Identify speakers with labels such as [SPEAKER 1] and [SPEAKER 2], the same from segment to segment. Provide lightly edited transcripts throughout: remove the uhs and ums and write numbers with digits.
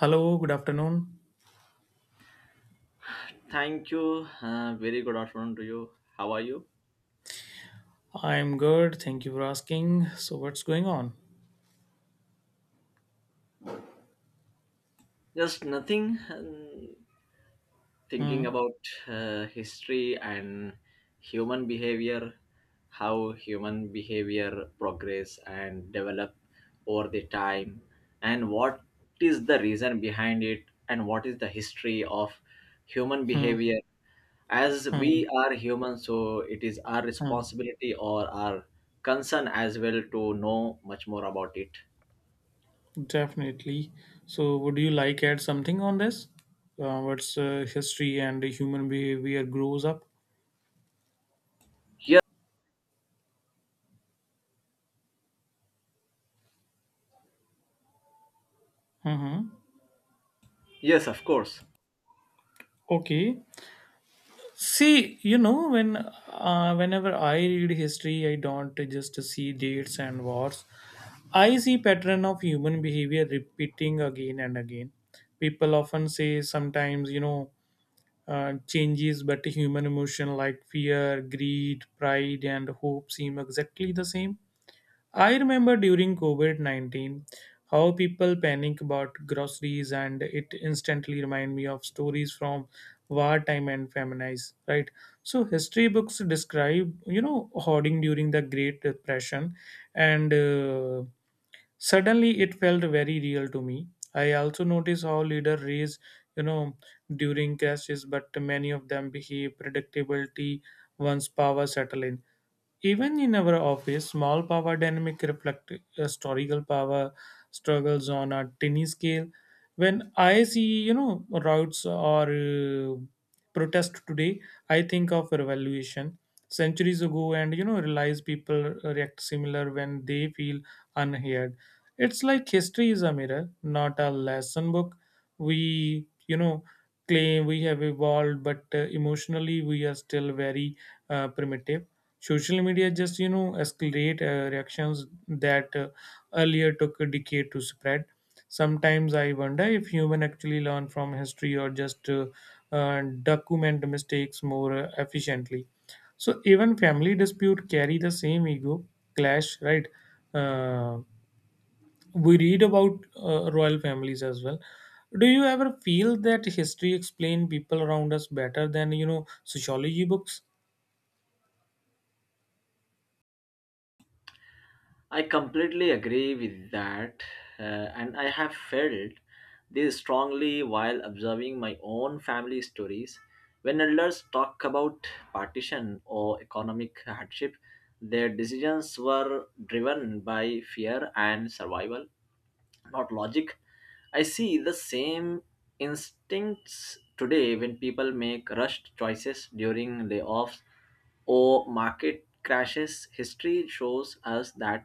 [SPEAKER 1] Hello, good afternoon.
[SPEAKER 2] Thank you. Very good afternoon to you. How are you?
[SPEAKER 1] I'm good. Thank you for asking. So, what's going on?
[SPEAKER 2] Just nothing. Thinking
[SPEAKER 1] Hmm,
[SPEAKER 2] about history and human behavior, how human behavior progress and develop over the time, and what is the reason behind it, and what is the history of human
[SPEAKER 1] hmm,
[SPEAKER 2] behavior as
[SPEAKER 1] hmm,
[SPEAKER 2] we are human so it is our
[SPEAKER 1] hmm.
[SPEAKER 2] responsibility or our concern as well to know much more about it.
[SPEAKER 1] Definitely. So, would you like add something on this? What's history and human behavior grows up?
[SPEAKER 2] Yes.
[SPEAKER 1] Mm-hmm.
[SPEAKER 2] Yes, of course.
[SPEAKER 1] Okay. See, when whenever I read history, I don't just see dates and wars. I see pattern of human behavior repeating again and again. People often say sometimes, changes, but human emotion like fear, greed, pride, and hope seem exactly the same. I remember during COVID 19 how people panic about groceries, and it instantly remind me of stories from wartime and feminize, right? So history books describe hoarding during the great depression, and suddenly it felt very real to me. I also noticed how leaders raise you know during crashes, but many of them behave predictability once power settle in. Even in our office, small power dynamic reflect historical power struggles on a tiny scale. When I see routes or protest today, I think of revolution centuries ago, and realize people react similar when they feel unheard. It's like history is a mirror, not a lesson book. We claim we have evolved, but emotionally we are still very primitive. Social media just you know escalate reactions that earlier took a decade to spread. Sometimes I wonder if human actually learn from history or just document mistakes more efficiently. So even family dispute carry the same ego clash, right? Uh, we read about royal families as well. Do you ever feel that history explain people around us better than you know sociology books?
[SPEAKER 2] I completely agree with that, and I have felt this strongly while observing my own family stories. When elders talk about partition or economic hardship, their decisions were driven by fear and survival, not logic. I see the same instincts today when people make rushed choices during layoffs or market crashes. History shows us that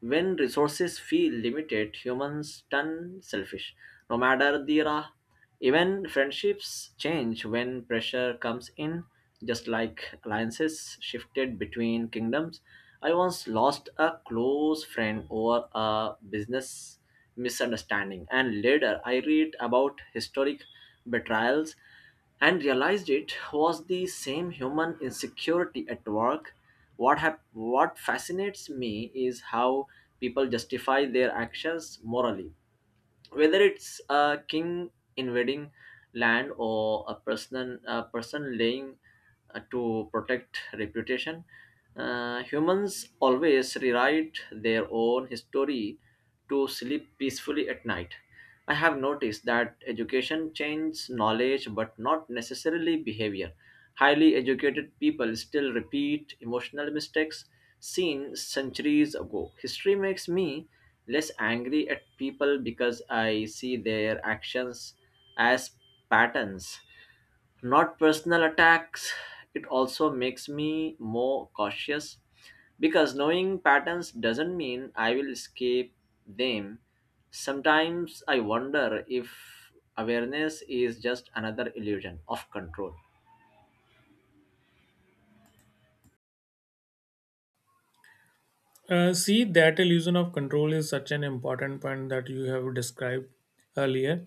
[SPEAKER 2] when resources feel limited, humans turn selfish. No matter the era, even friendships change when pressure comes in, just like alliances shifted between kingdoms. I once lost a close friend over a business misunderstanding, and later I read about historic betrayals and realized it was the same human insecurity at work. What fascinates me is how people justify their actions morally, whether it's a king invading land or a person laying to protect reputation. Humans always rewrite their own history to sleep peacefully at night. I have noticed that education changes knowledge but not necessarily behavior. Highly educated people still repeat emotional mistakes seen centuries ago. History makes me less angry at people because I see their actions as patterns, not personal attacks. It also makes me more cautious because knowing patterns doesn't mean I will escape them. Sometimes I wonder if awareness is just another illusion of control.
[SPEAKER 1] See, that illusion of control is such an important point that you have described earlier.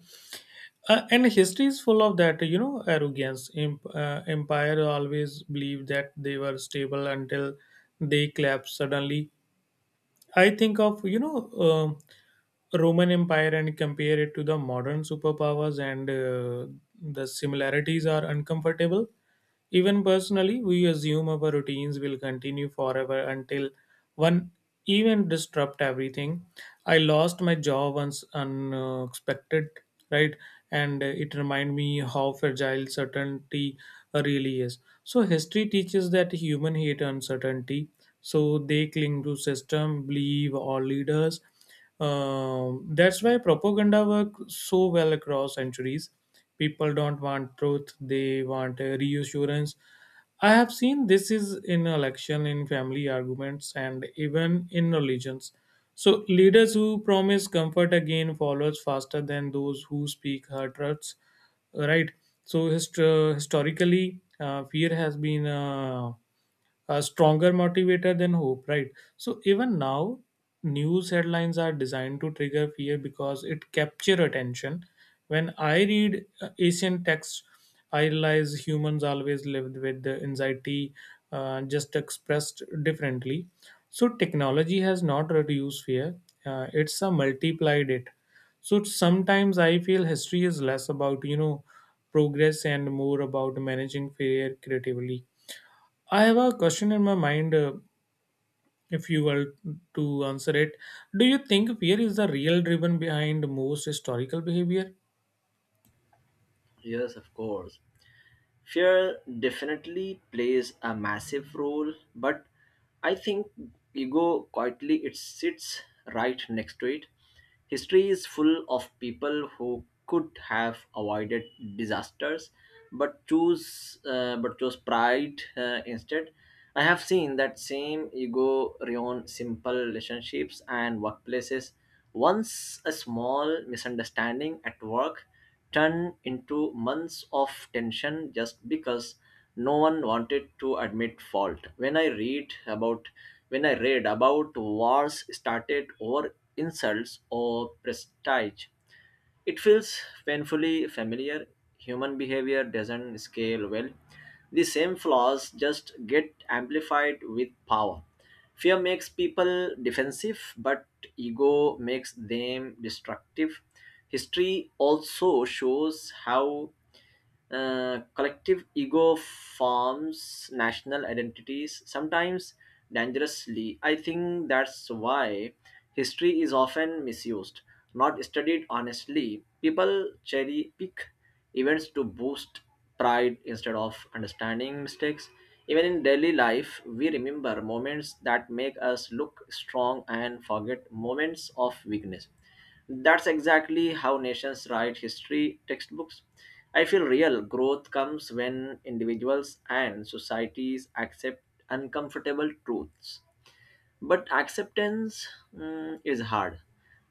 [SPEAKER 1] And history is full of that, you know, arrogance. Empire always believed that they were stable until they collapsed suddenly. I think of Roman Empire and compare it to the modern superpowers, and the similarities are uncomfortable. Even personally, we assume our routines will continue forever until one even disrupt everything. I lost my job once unexpected, right? And it reminded me how fragile certainty really is. So history teaches that human hate uncertainty. So they cling to system, believe, or leaders That's why propaganda works so well across centuries. People don't want truth; they want reassurance. I have seen this is in election, in family arguments, and even in religions. So leaders who promise comfort again follows faster than those who speak hurt truths. Right. So historically, fear has been a stronger motivator than hope, right? So even now, news headlines are designed to trigger fear because it capture attention. When I read Asian texts, I realize humans always lived with the anxiety, just expressed differently. So technology has not reduced fear; it's multiplied it. So sometimes I feel history is less about you know progress and more about managing fear creatively. I have a question in my mind. If you were to answer it, do you think fear is the real driven behind most historical behavior?
[SPEAKER 2] Yes, of course. Fear definitely plays a massive role, but I think ego quietly it sits right next to it. History is full of people who could have avoided disasters, but choose but chose pride instead. I have seen that same ego ruin simple relationships and workplaces. Once a small misunderstanding at work turned into months of tension just because no one wanted to admit fault. When I read about wars started over insults or prestige, it feels painfully familiar. Human behavior doesn't scale well. The same flaws just get amplified with power. Fear makes people defensive, but ego makes them destructive. History also shows how collective ego forms national identities, sometimes dangerously. I think that's why history is often misused, not studied honestly. People cherry pick events to boost pride instead of understanding mistakes. Even in daily life, we remember moments that make us look strong and forget moments of weakness. That's exactly how nations write history textbooks. I feel real growth comes when individuals and societies accept uncomfortable truths. But acceptance, is hard,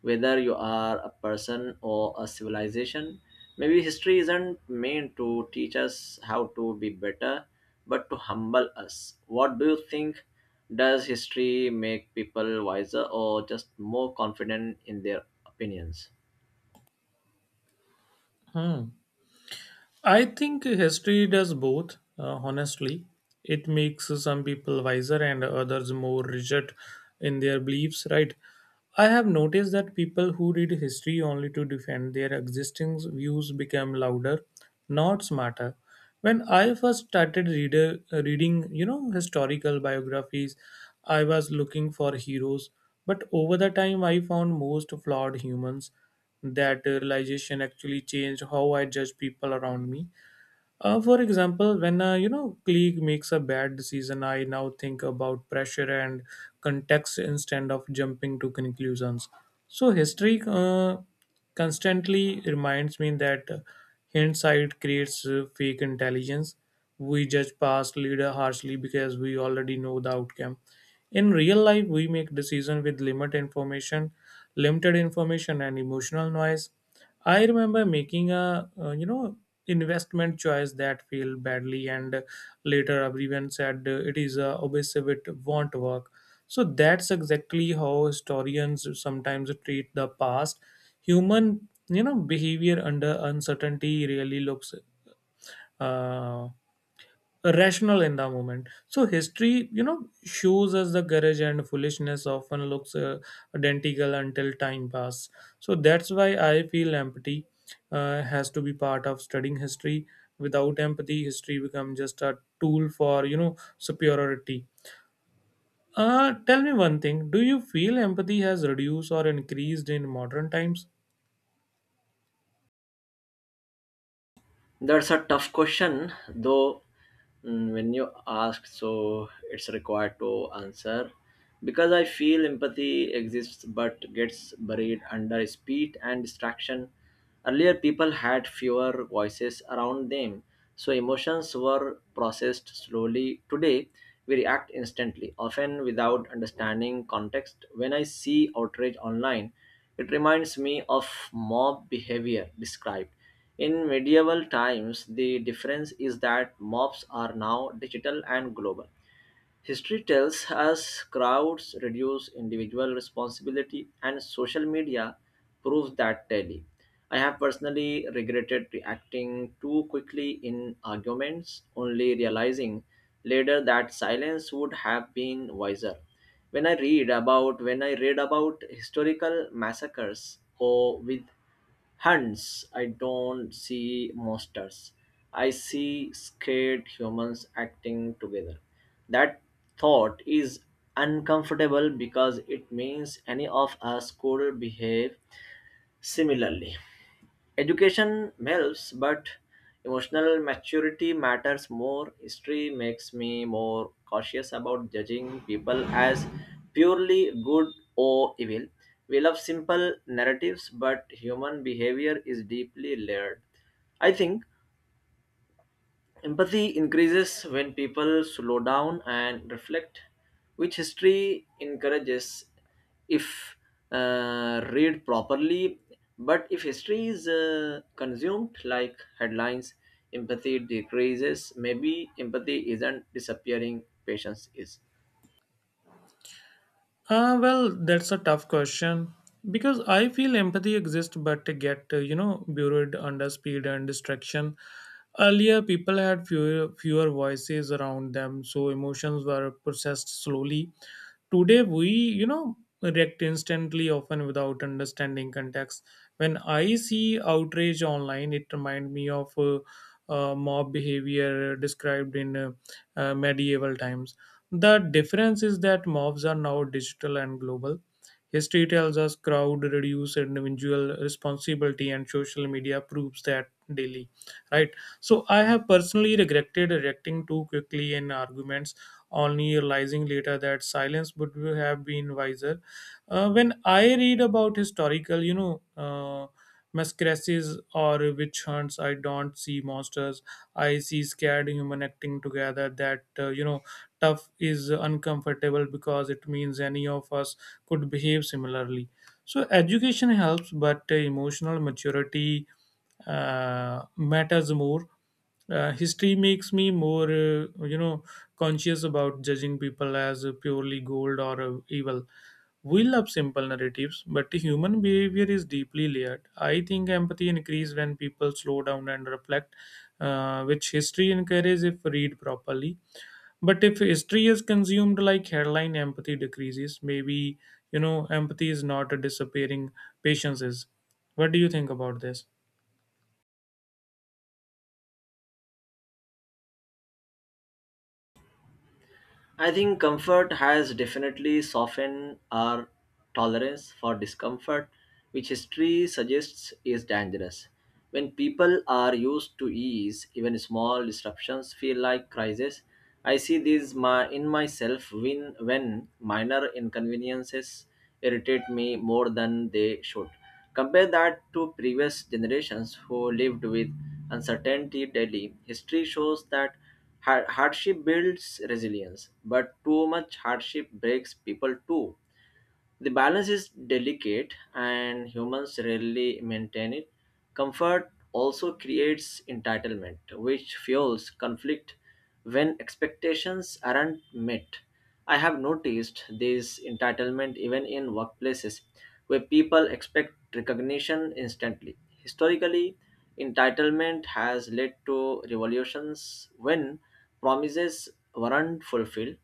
[SPEAKER 2] whether you are a person or a civilization. Maybe history isn't meant to teach us how to be better, but to humble us. What do you think? Does history make people wiser or just more confident in their opinions?
[SPEAKER 1] Huh. I think history does both, honestly. It makes some people wiser and others more rigid in their beliefs, right? I have noticed that people who read history only to defend their existing views become louder, not smarter. When I first started reading, historical biographies, I was looking for heroes, but over the time I found most flawed humans. That realization actually changed how I judge people around me. For example, when a colleague makes a bad decision, I now think about pressure and context instead of jumping to conclusions. So history constantly reminds me that hindsight creates fake intelligence. We judge past leader harshly because we already know the outcome. In real life, we make decisions with limited information, and emotional noise. I remember making a investment choice that failed badly, and later everyone said it is obsessive, it won't work. So that's exactly how historians sometimes treat the past. Human you know behavior under uncertainty really looks uh, rational in the moment. So history you know shows us the courage and foolishness often looks identical until time pass. So that's why I feel empathy has to be part of studying history. Without empathy history becomes just a tool for you know superiority. Tell me one thing, do you feel empathy has reduced or increased in modern times?
[SPEAKER 2] That's a tough question, though. When you ask, so it's required to answer because I feel empathy exists but gets buried under speed and distraction. Earlier, people had fewer voices around them, so emotions were processed slowly. Today, we react instantly, often without understanding context. When I see outrage online, it reminds me of mob behavior described in medieval times. The difference is that mobs are now digital and global. History tells us crowds reduce individual responsibility, and social media proves that daily. I have personally regretted reacting too quickly in arguments, only realizing later that silence would have been wiser. When I read about historical massacres or with Hence, I don't see monsters. I see scared humans acting together. That thought is uncomfortable because it means any of us could behave similarly. Education helps, but emotional maturity matters more. History makes me more cautious about judging people as purely good or evil. We love simple narratives, but human behavior is deeply layered. I think empathy increases when people slow down and reflect, which history encourages if read properly. But if history is consumed like headlines, empathy decreases. Maybe empathy isn't disappearing, patience is.
[SPEAKER 1] Well, that's a tough question because I feel empathy exists but they get, buried under speed and distraction. Earlier, people had fewer voices around them, so emotions were processed slowly. Today, we react instantly, often without understanding context. When I see outrage online, it reminds me of mob behavior described in medieval times. The difference is that mobs are now digital and global. History tells us crowd reduce individual responsibility, and social media proves that daily. Right. So I have personally regretted reacting too quickly in arguments, only realizing later that silence would have been wiser. When I read about historical, you know, masquerades or witch hunts, I don't see monsters. I see scared human acting together that you know tough is uncomfortable because it means any of us could behave similarly. So education helps, but emotional maturity matters more. History makes me more conscious about judging people as purely gold or evil. We love simple narratives, but human behavior is deeply layered. I think empathy increases when people slow down and reflect, which history encourages if read properly. But if history is consumed like headline, empathy decreases. Maybe empathy is not disappearing, patience is. What do you think about this?
[SPEAKER 2] I think comfort has definitely softened our tolerance for discomfort, which history suggests is dangerous. When people are used to ease, even small disruptions feel like crises. I see this in myself when minor inconveniences irritate me more than they should. Compare that to previous generations who lived with uncertainty daily. History shows that hardship builds resilience, but too much hardship breaks people too. The balance is delicate and humans rarely maintain it. Comfort also creates entitlement, which fuels conflict when expectations aren't met. I have noticed this entitlement even in workplaces where people expect recognition instantly. Historically, entitlement has led to revolutions when promises weren't fulfilled.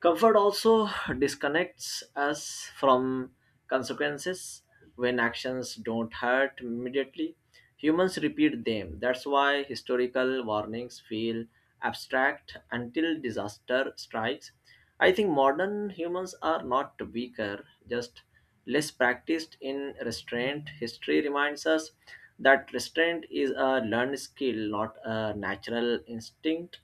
[SPEAKER 2] Comfort also disconnects us from consequences when actions don't hurt immediately. Humans repeat them. That's why historical warnings feel abstract until disaster strikes. I think modern humans are not weaker, just less practiced in restraint. History reminds us that restraint is a learned skill, not a natural instinct.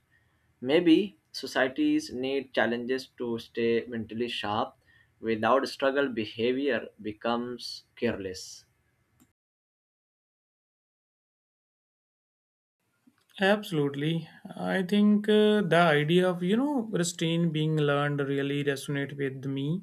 [SPEAKER 2] Maybe societies need challenges to stay mentally sharp without struggle behavior becomes careless.
[SPEAKER 1] Absolutely. I think the idea of restraint being learned really resonate with me.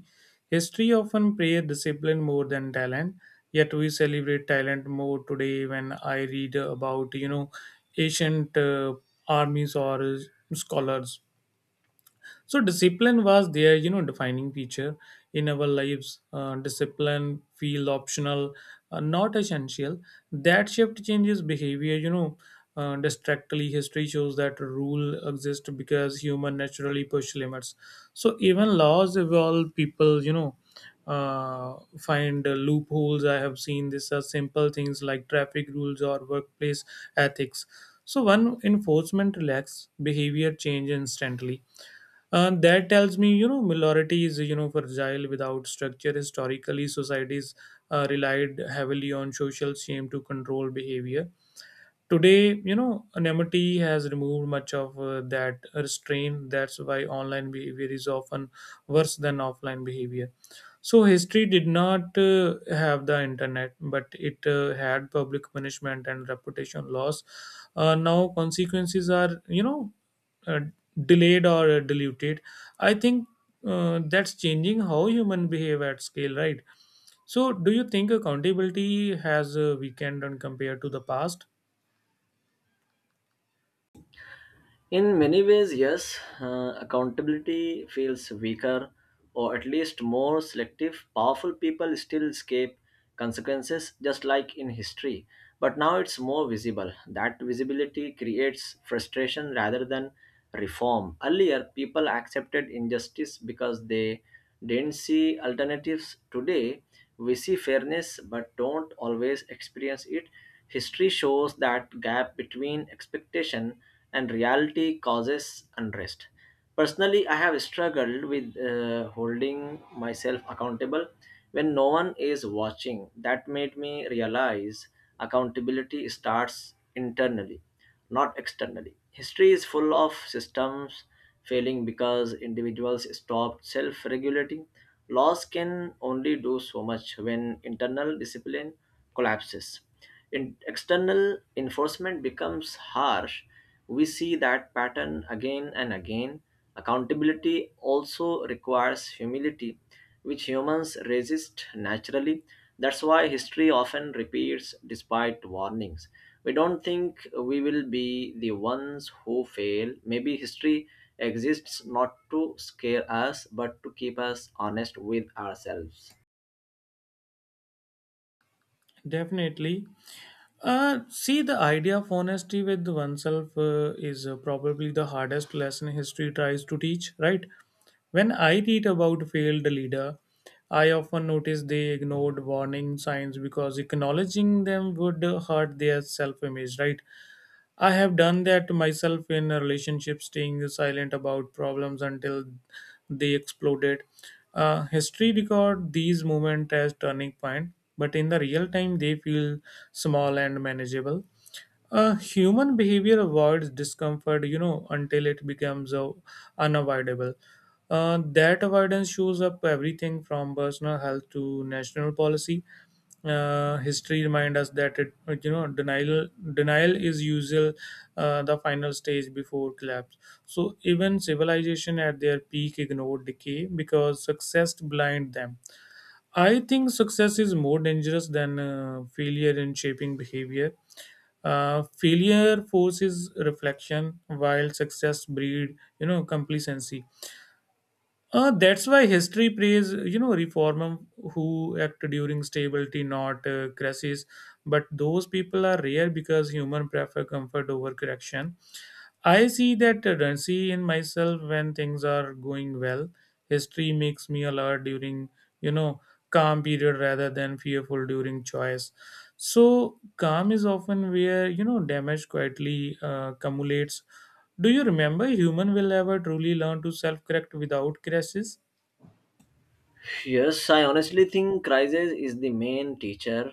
[SPEAKER 1] History often praise discipline more than talent, yet we celebrate talent more today when I read about, you know, ancient armies or scholars, so discipline was their defining feature. In our lives, discipline feel optional, not essential. That shift changes behavior you know uh, distractly History shows that rule exist because human naturally push limits. So even laws evolve people you know find loopholes. I have seen this as simple things like traffic rules or workplace ethics. So when enforcement relax behavior change instantly. That tells me, minority is, fragile without structure. Historically, societies relied heavily on social shame to control behavior. Today, anonymity has removed much of that restraint. That's why online behavior is often worse than offline behavior. So, history did not have the internet, but it had public punishment and reputation loss. Now, consequences are, you know, uh, delayed or diluted. I think that's changing how human behave at scale, right? So, do you think accountability has weakened and compared to the past?
[SPEAKER 2] In many ways, yes, accountability feels weaker or at least more selective. Powerful people still escape consequences, just like in history, but now it's more visible. That visibility creates frustration rather than reform. Earlier, people accepted injustice because they didn't see alternatives. Today, we see fairness but don't always experience it. History shows that gap between expectation and reality causes unrest. Personally, I have struggled with holding myself accountable when no one is watching. That made me realize accountability starts internally, not externally. History is full of systems failing because individuals stopped self regulating. Laws can only do so much when internal discipline collapses. External enforcement becomes harsh, we see that pattern again and again. Accountability also requires humility, which humans resist naturally. That's why history often repeats despite warnings. We don't think we will be the ones who fail. Maybe history exists not to scare us, but to keep us honest with ourselves.
[SPEAKER 1] Definitely. See, the idea of honesty with oneself is probably the hardest lesson history tries to teach, right? When I read about failed leader, I often notice they ignored warning signs because acknowledging them would hurt their self-image, right? I have done that myself in a relationship, staying silent about problems until they exploded. History record these moments as turning point, but in the real time they feel small and manageable. Human behavior avoids discomfort, you know, until it becomes unavoidable. That avoidance shows up everything from personal health to national policy. History reminds us that it, you know, denial denial is usual the final stage before collapse. So even civilization at their peak ignored decay because success blind them. I think success is more dangerous than failure in shaping behavior Failure forces reflection, while success breed complacency. That's why history praise reformer who act during stability, not crisis. But those people are rare because human prefer comfort over correction. I see that tendency in myself when things are going well. History makes me alert during, you know, calm period rather than fearful during choice. So calm is often where, damage quietly accumulates. Do you remember human will ever truly learn to self-correct without crashes?
[SPEAKER 2] Yes, I honestly think crisis is the main teacher.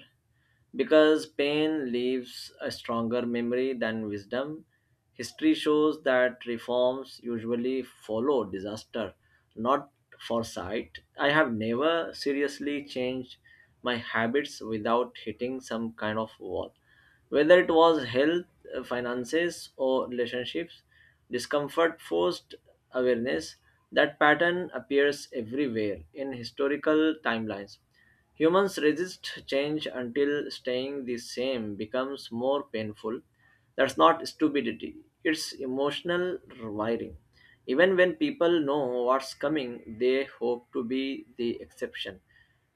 [SPEAKER 2] Because pain leaves a stronger memory than wisdom, history shows that reforms usually follow disaster, not foresight. I have never seriously changed my habits without hitting some kind of wall. Whether it was health, finances, or relationships, discomfort forced awareness. That pattern appears everywhere in historical timelines. Humans resist change until staying the same becomes more painful. That's not stupidity, it's emotional wiring. Even when people know what's coming, they hope to be the exception.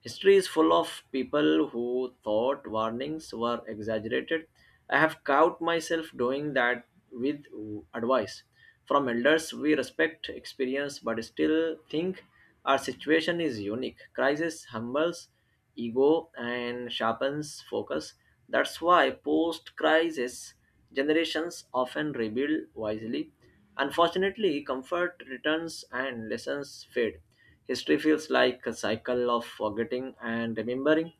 [SPEAKER 2] History is full of people who thought warnings were exaggerated. I have caught myself doing that with advice. From elders, we respect experience but still think our situation is unique. Crisis humbles ego and sharpens focus. That's why post crisis generations often rebuild wisely. Unfortunately, comfort returns and lessons fade. History feels like a cycle of forgetting and remembering.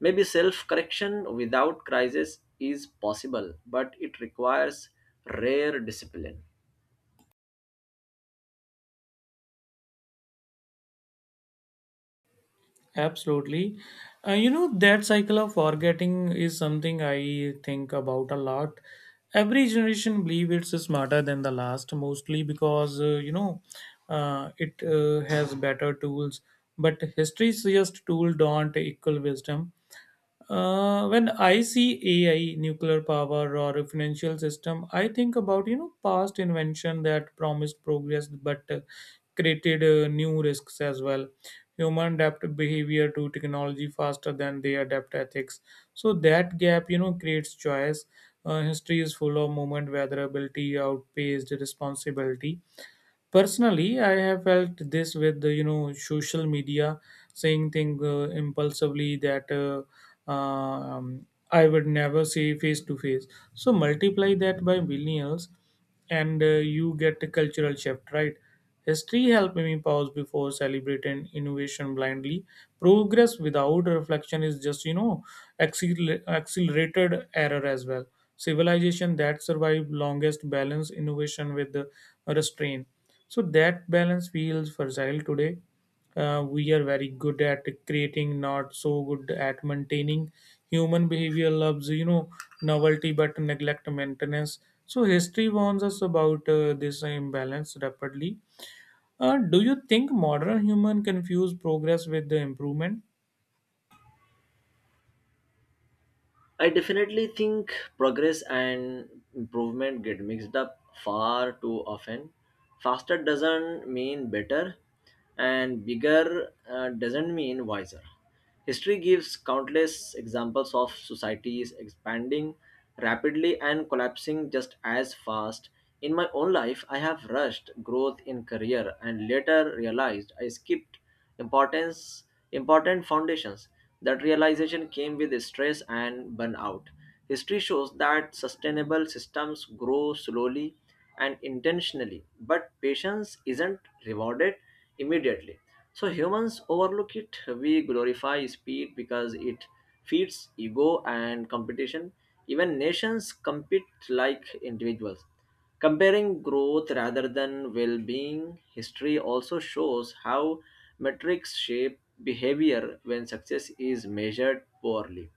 [SPEAKER 2] Maybe self correction without crisis is possible, but it requires rare discipline.
[SPEAKER 1] Absolutely. That cycle of forgetting is something I think about a lot. Every generation believe it's smarter than the last, mostly because it has better tools. But history's just tool don't equal wisdom. When I see AI, nuclear power, or a financial system, I think about past invention that promised progress but created new risks as well. Human adapt behavior to technology faster than they adapt ethics. So that gap, creates choice. History is full of moment where ability outpaced responsibility. Personally, I have felt this with the social media, saying thing impulsively that um, I would never say face to face. So multiply that by millions, and you get a cultural shift, right? History helped me pause before celebrating innovation blindly. Progress without reflection is just, accelerated error as well. Civilization that survived longest balance innovation with the restraint. So that balance feels fragile today. We are very good at creating, not so good at maintaining. Human behavior loves, novelty but neglect maintenance. So history warns us about this imbalance rapidly. Do you think modern human confuse progress with the improvement?
[SPEAKER 2] I definitely think progress and improvement get mixed up far too often. Faster doesn't mean better, and bigger doesn't mean wiser. History gives countless examples of societies expanding rapidly and collapsing just as fast. In my own life, I have rushed growth in career and later realized I skipped importance important foundations. That realization came with stress and burnout. History shows that sustainable systems grow slowly and intentionally, but patience isn't rewarded immediately. So humans overlook it. We glorify speed because it feeds ego and competition. Even nations compete like individuals. Comparing growth rather than well being, history also shows how metrics shape behavior when success is measured poorly.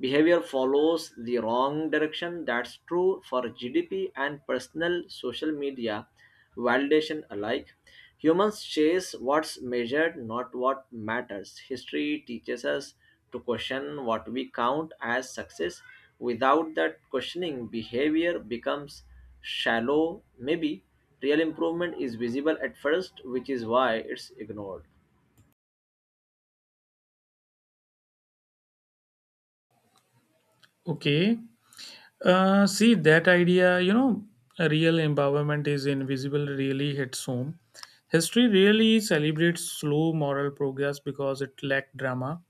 [SPEAKER 2] Behavior follows the wrong direction. That's true for GDP and personal social media validation alike. Humans chase what's measured, not what matters. History teaches us to question what we count as success. Without that questioning, behavior becomes shallow. Maybe real improvement is visible at first, which is why it's ignored.
[SPEAKER 1] Okay. See that idea, real empowerment is invisible really hits home. History really celebrates slow moral progress because it lacked drama.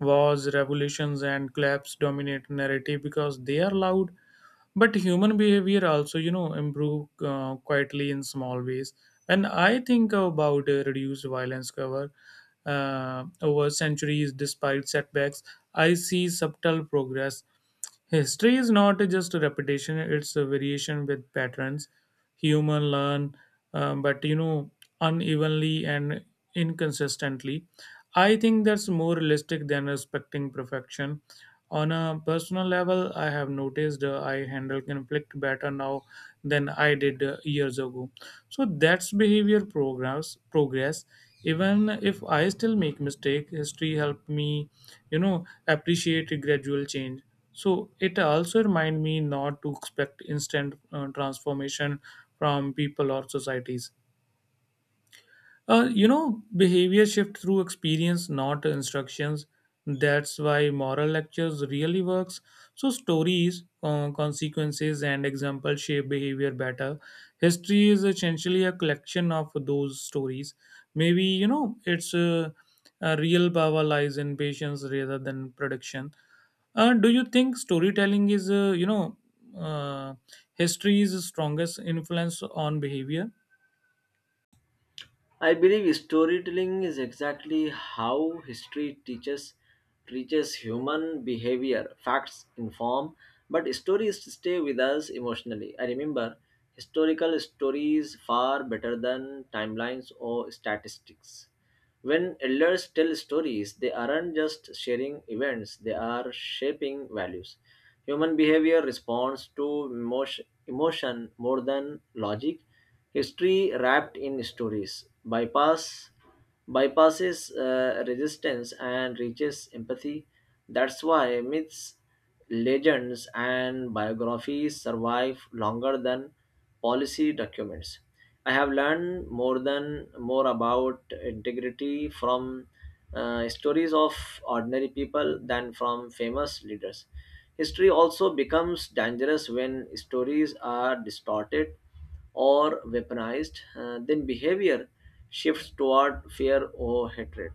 [SPEAKER 1] Wars, revolutions, and collapse dominate narrative because they are loud, but human behavior also improve quietly in small ways. And I think about reduced violence cover over centuries. Despite setbacks, I see subtle progress. History is not just a repetition, it's a variation with patterns. Human learn, but unevenly and inconsistently. I think that's more realistic than expecting perfection. On a personal level, I have noticed I handle conflict better now than I did years ago, so that's behavior progress. Even if I still make mistake, history helped me appreciate a gradual change. So it also remind me not to expect instant transformation from people or societies. Behavior shift through experience, not instructions. That's why moral lectures really works. So stories, consequences, and examples shape behavior better. History is essentially a collection of those stories. Maybe it's a real power lies in patience rather than prediction. Do you think storytelling is uh, history's strongest influence on behavior?
[SPEAKER 2] I believe storytelling is exactly how history teaches human behavior. Facts inform, but stories stay with us emotionally. I remember historical stories far better than timelines or statistics. When elders tell stories, they aren't just sharing events, they are shaping values. Human behavior responds to emotion, emotion more than logic. History wrapped in stories bypasses resistance and reaches empathy. That's why myths, legends and biographies survive longer than policy documents. I have learned more about integrity from stories of ordinary people than from famous leaders. History also becomes dangerous when stories are distorted or weaponized, then behavior shifts toward fear or hatred.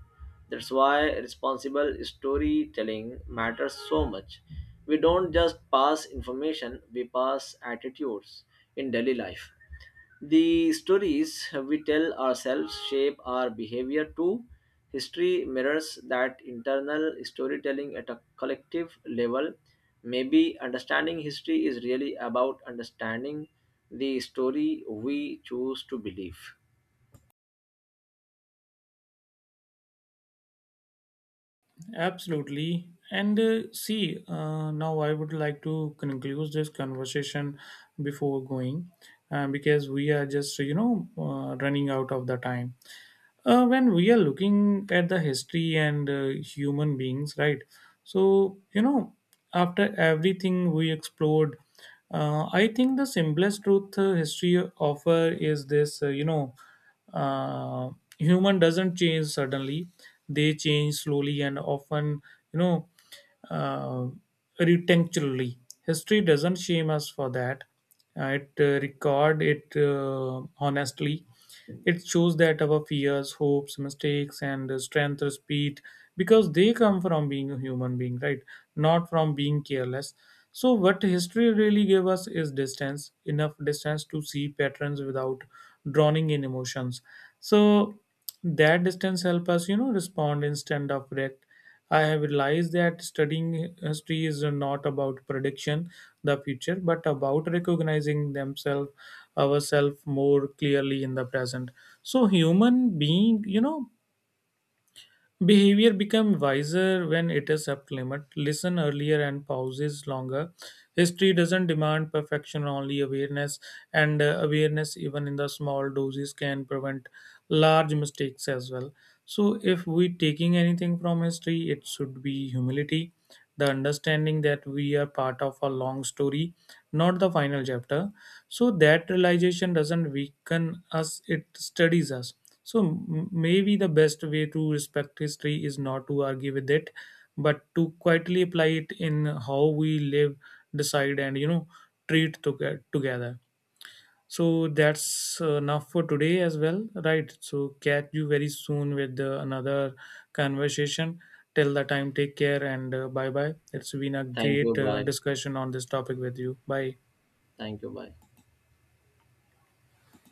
[SPEAKER 2] That's why responsible storytelling matters so much. We don't just pass information, we pass attitudes in daily life. The stories we tell ourselves shape our behavior too. History mirrors that internal storytelling at a collective level. Maybe understanding history is really about understanding the story we choose to believe.
[SPEAKER 1] Absolutely. And see, now I would like to conclude this conversation before going because we are just, running out of the time when we are looking at the history and human beings, right? So after everything we explored, I think the simplest truth history offer is this. Uh, Human doesn't change suddenly, they change slowly and often, you know uh, retentionally. History doesn't shame us for that. It record it honestly. It shows that our fears, hopes, mistakes, and strength or speed, because they come from being a human being, right? Not from being careless. So, what history really gave us is distance, enough distance to see patterns without drowning in emotions. So, that distance help us, respond instead of react. I have realized that studying history is not about prediction the future, but about recognizing themselves ourselves more clearly in the present. So human being, behavior become wiser when it is up limit, listen earlier and pauses longer. History doesn't demand perfection, only awareness, and awareness, even in the small doses, can prevent large mistakes as well. So, if we taking anything from history, it should be humility, the understanding that we are part of a long story, not the final chapter. So that realization doesn't weaken us, it studies us. So maybe the best way to respect history is not to argue with it, but to quietly apply it in how we live, decide, and treat together. So that's enough for today as well, right? So catch you very soon with another conversation. Till the time, take care and bye bye. It's been a
[SPEAKER 2] Thank you.
[SPEAKER 1] great
[SPEAKER 2] Bye.
[SPEAKER 1] discussion on this topic with you. Bye.
[SPEAKER 2] Thank you. Bye.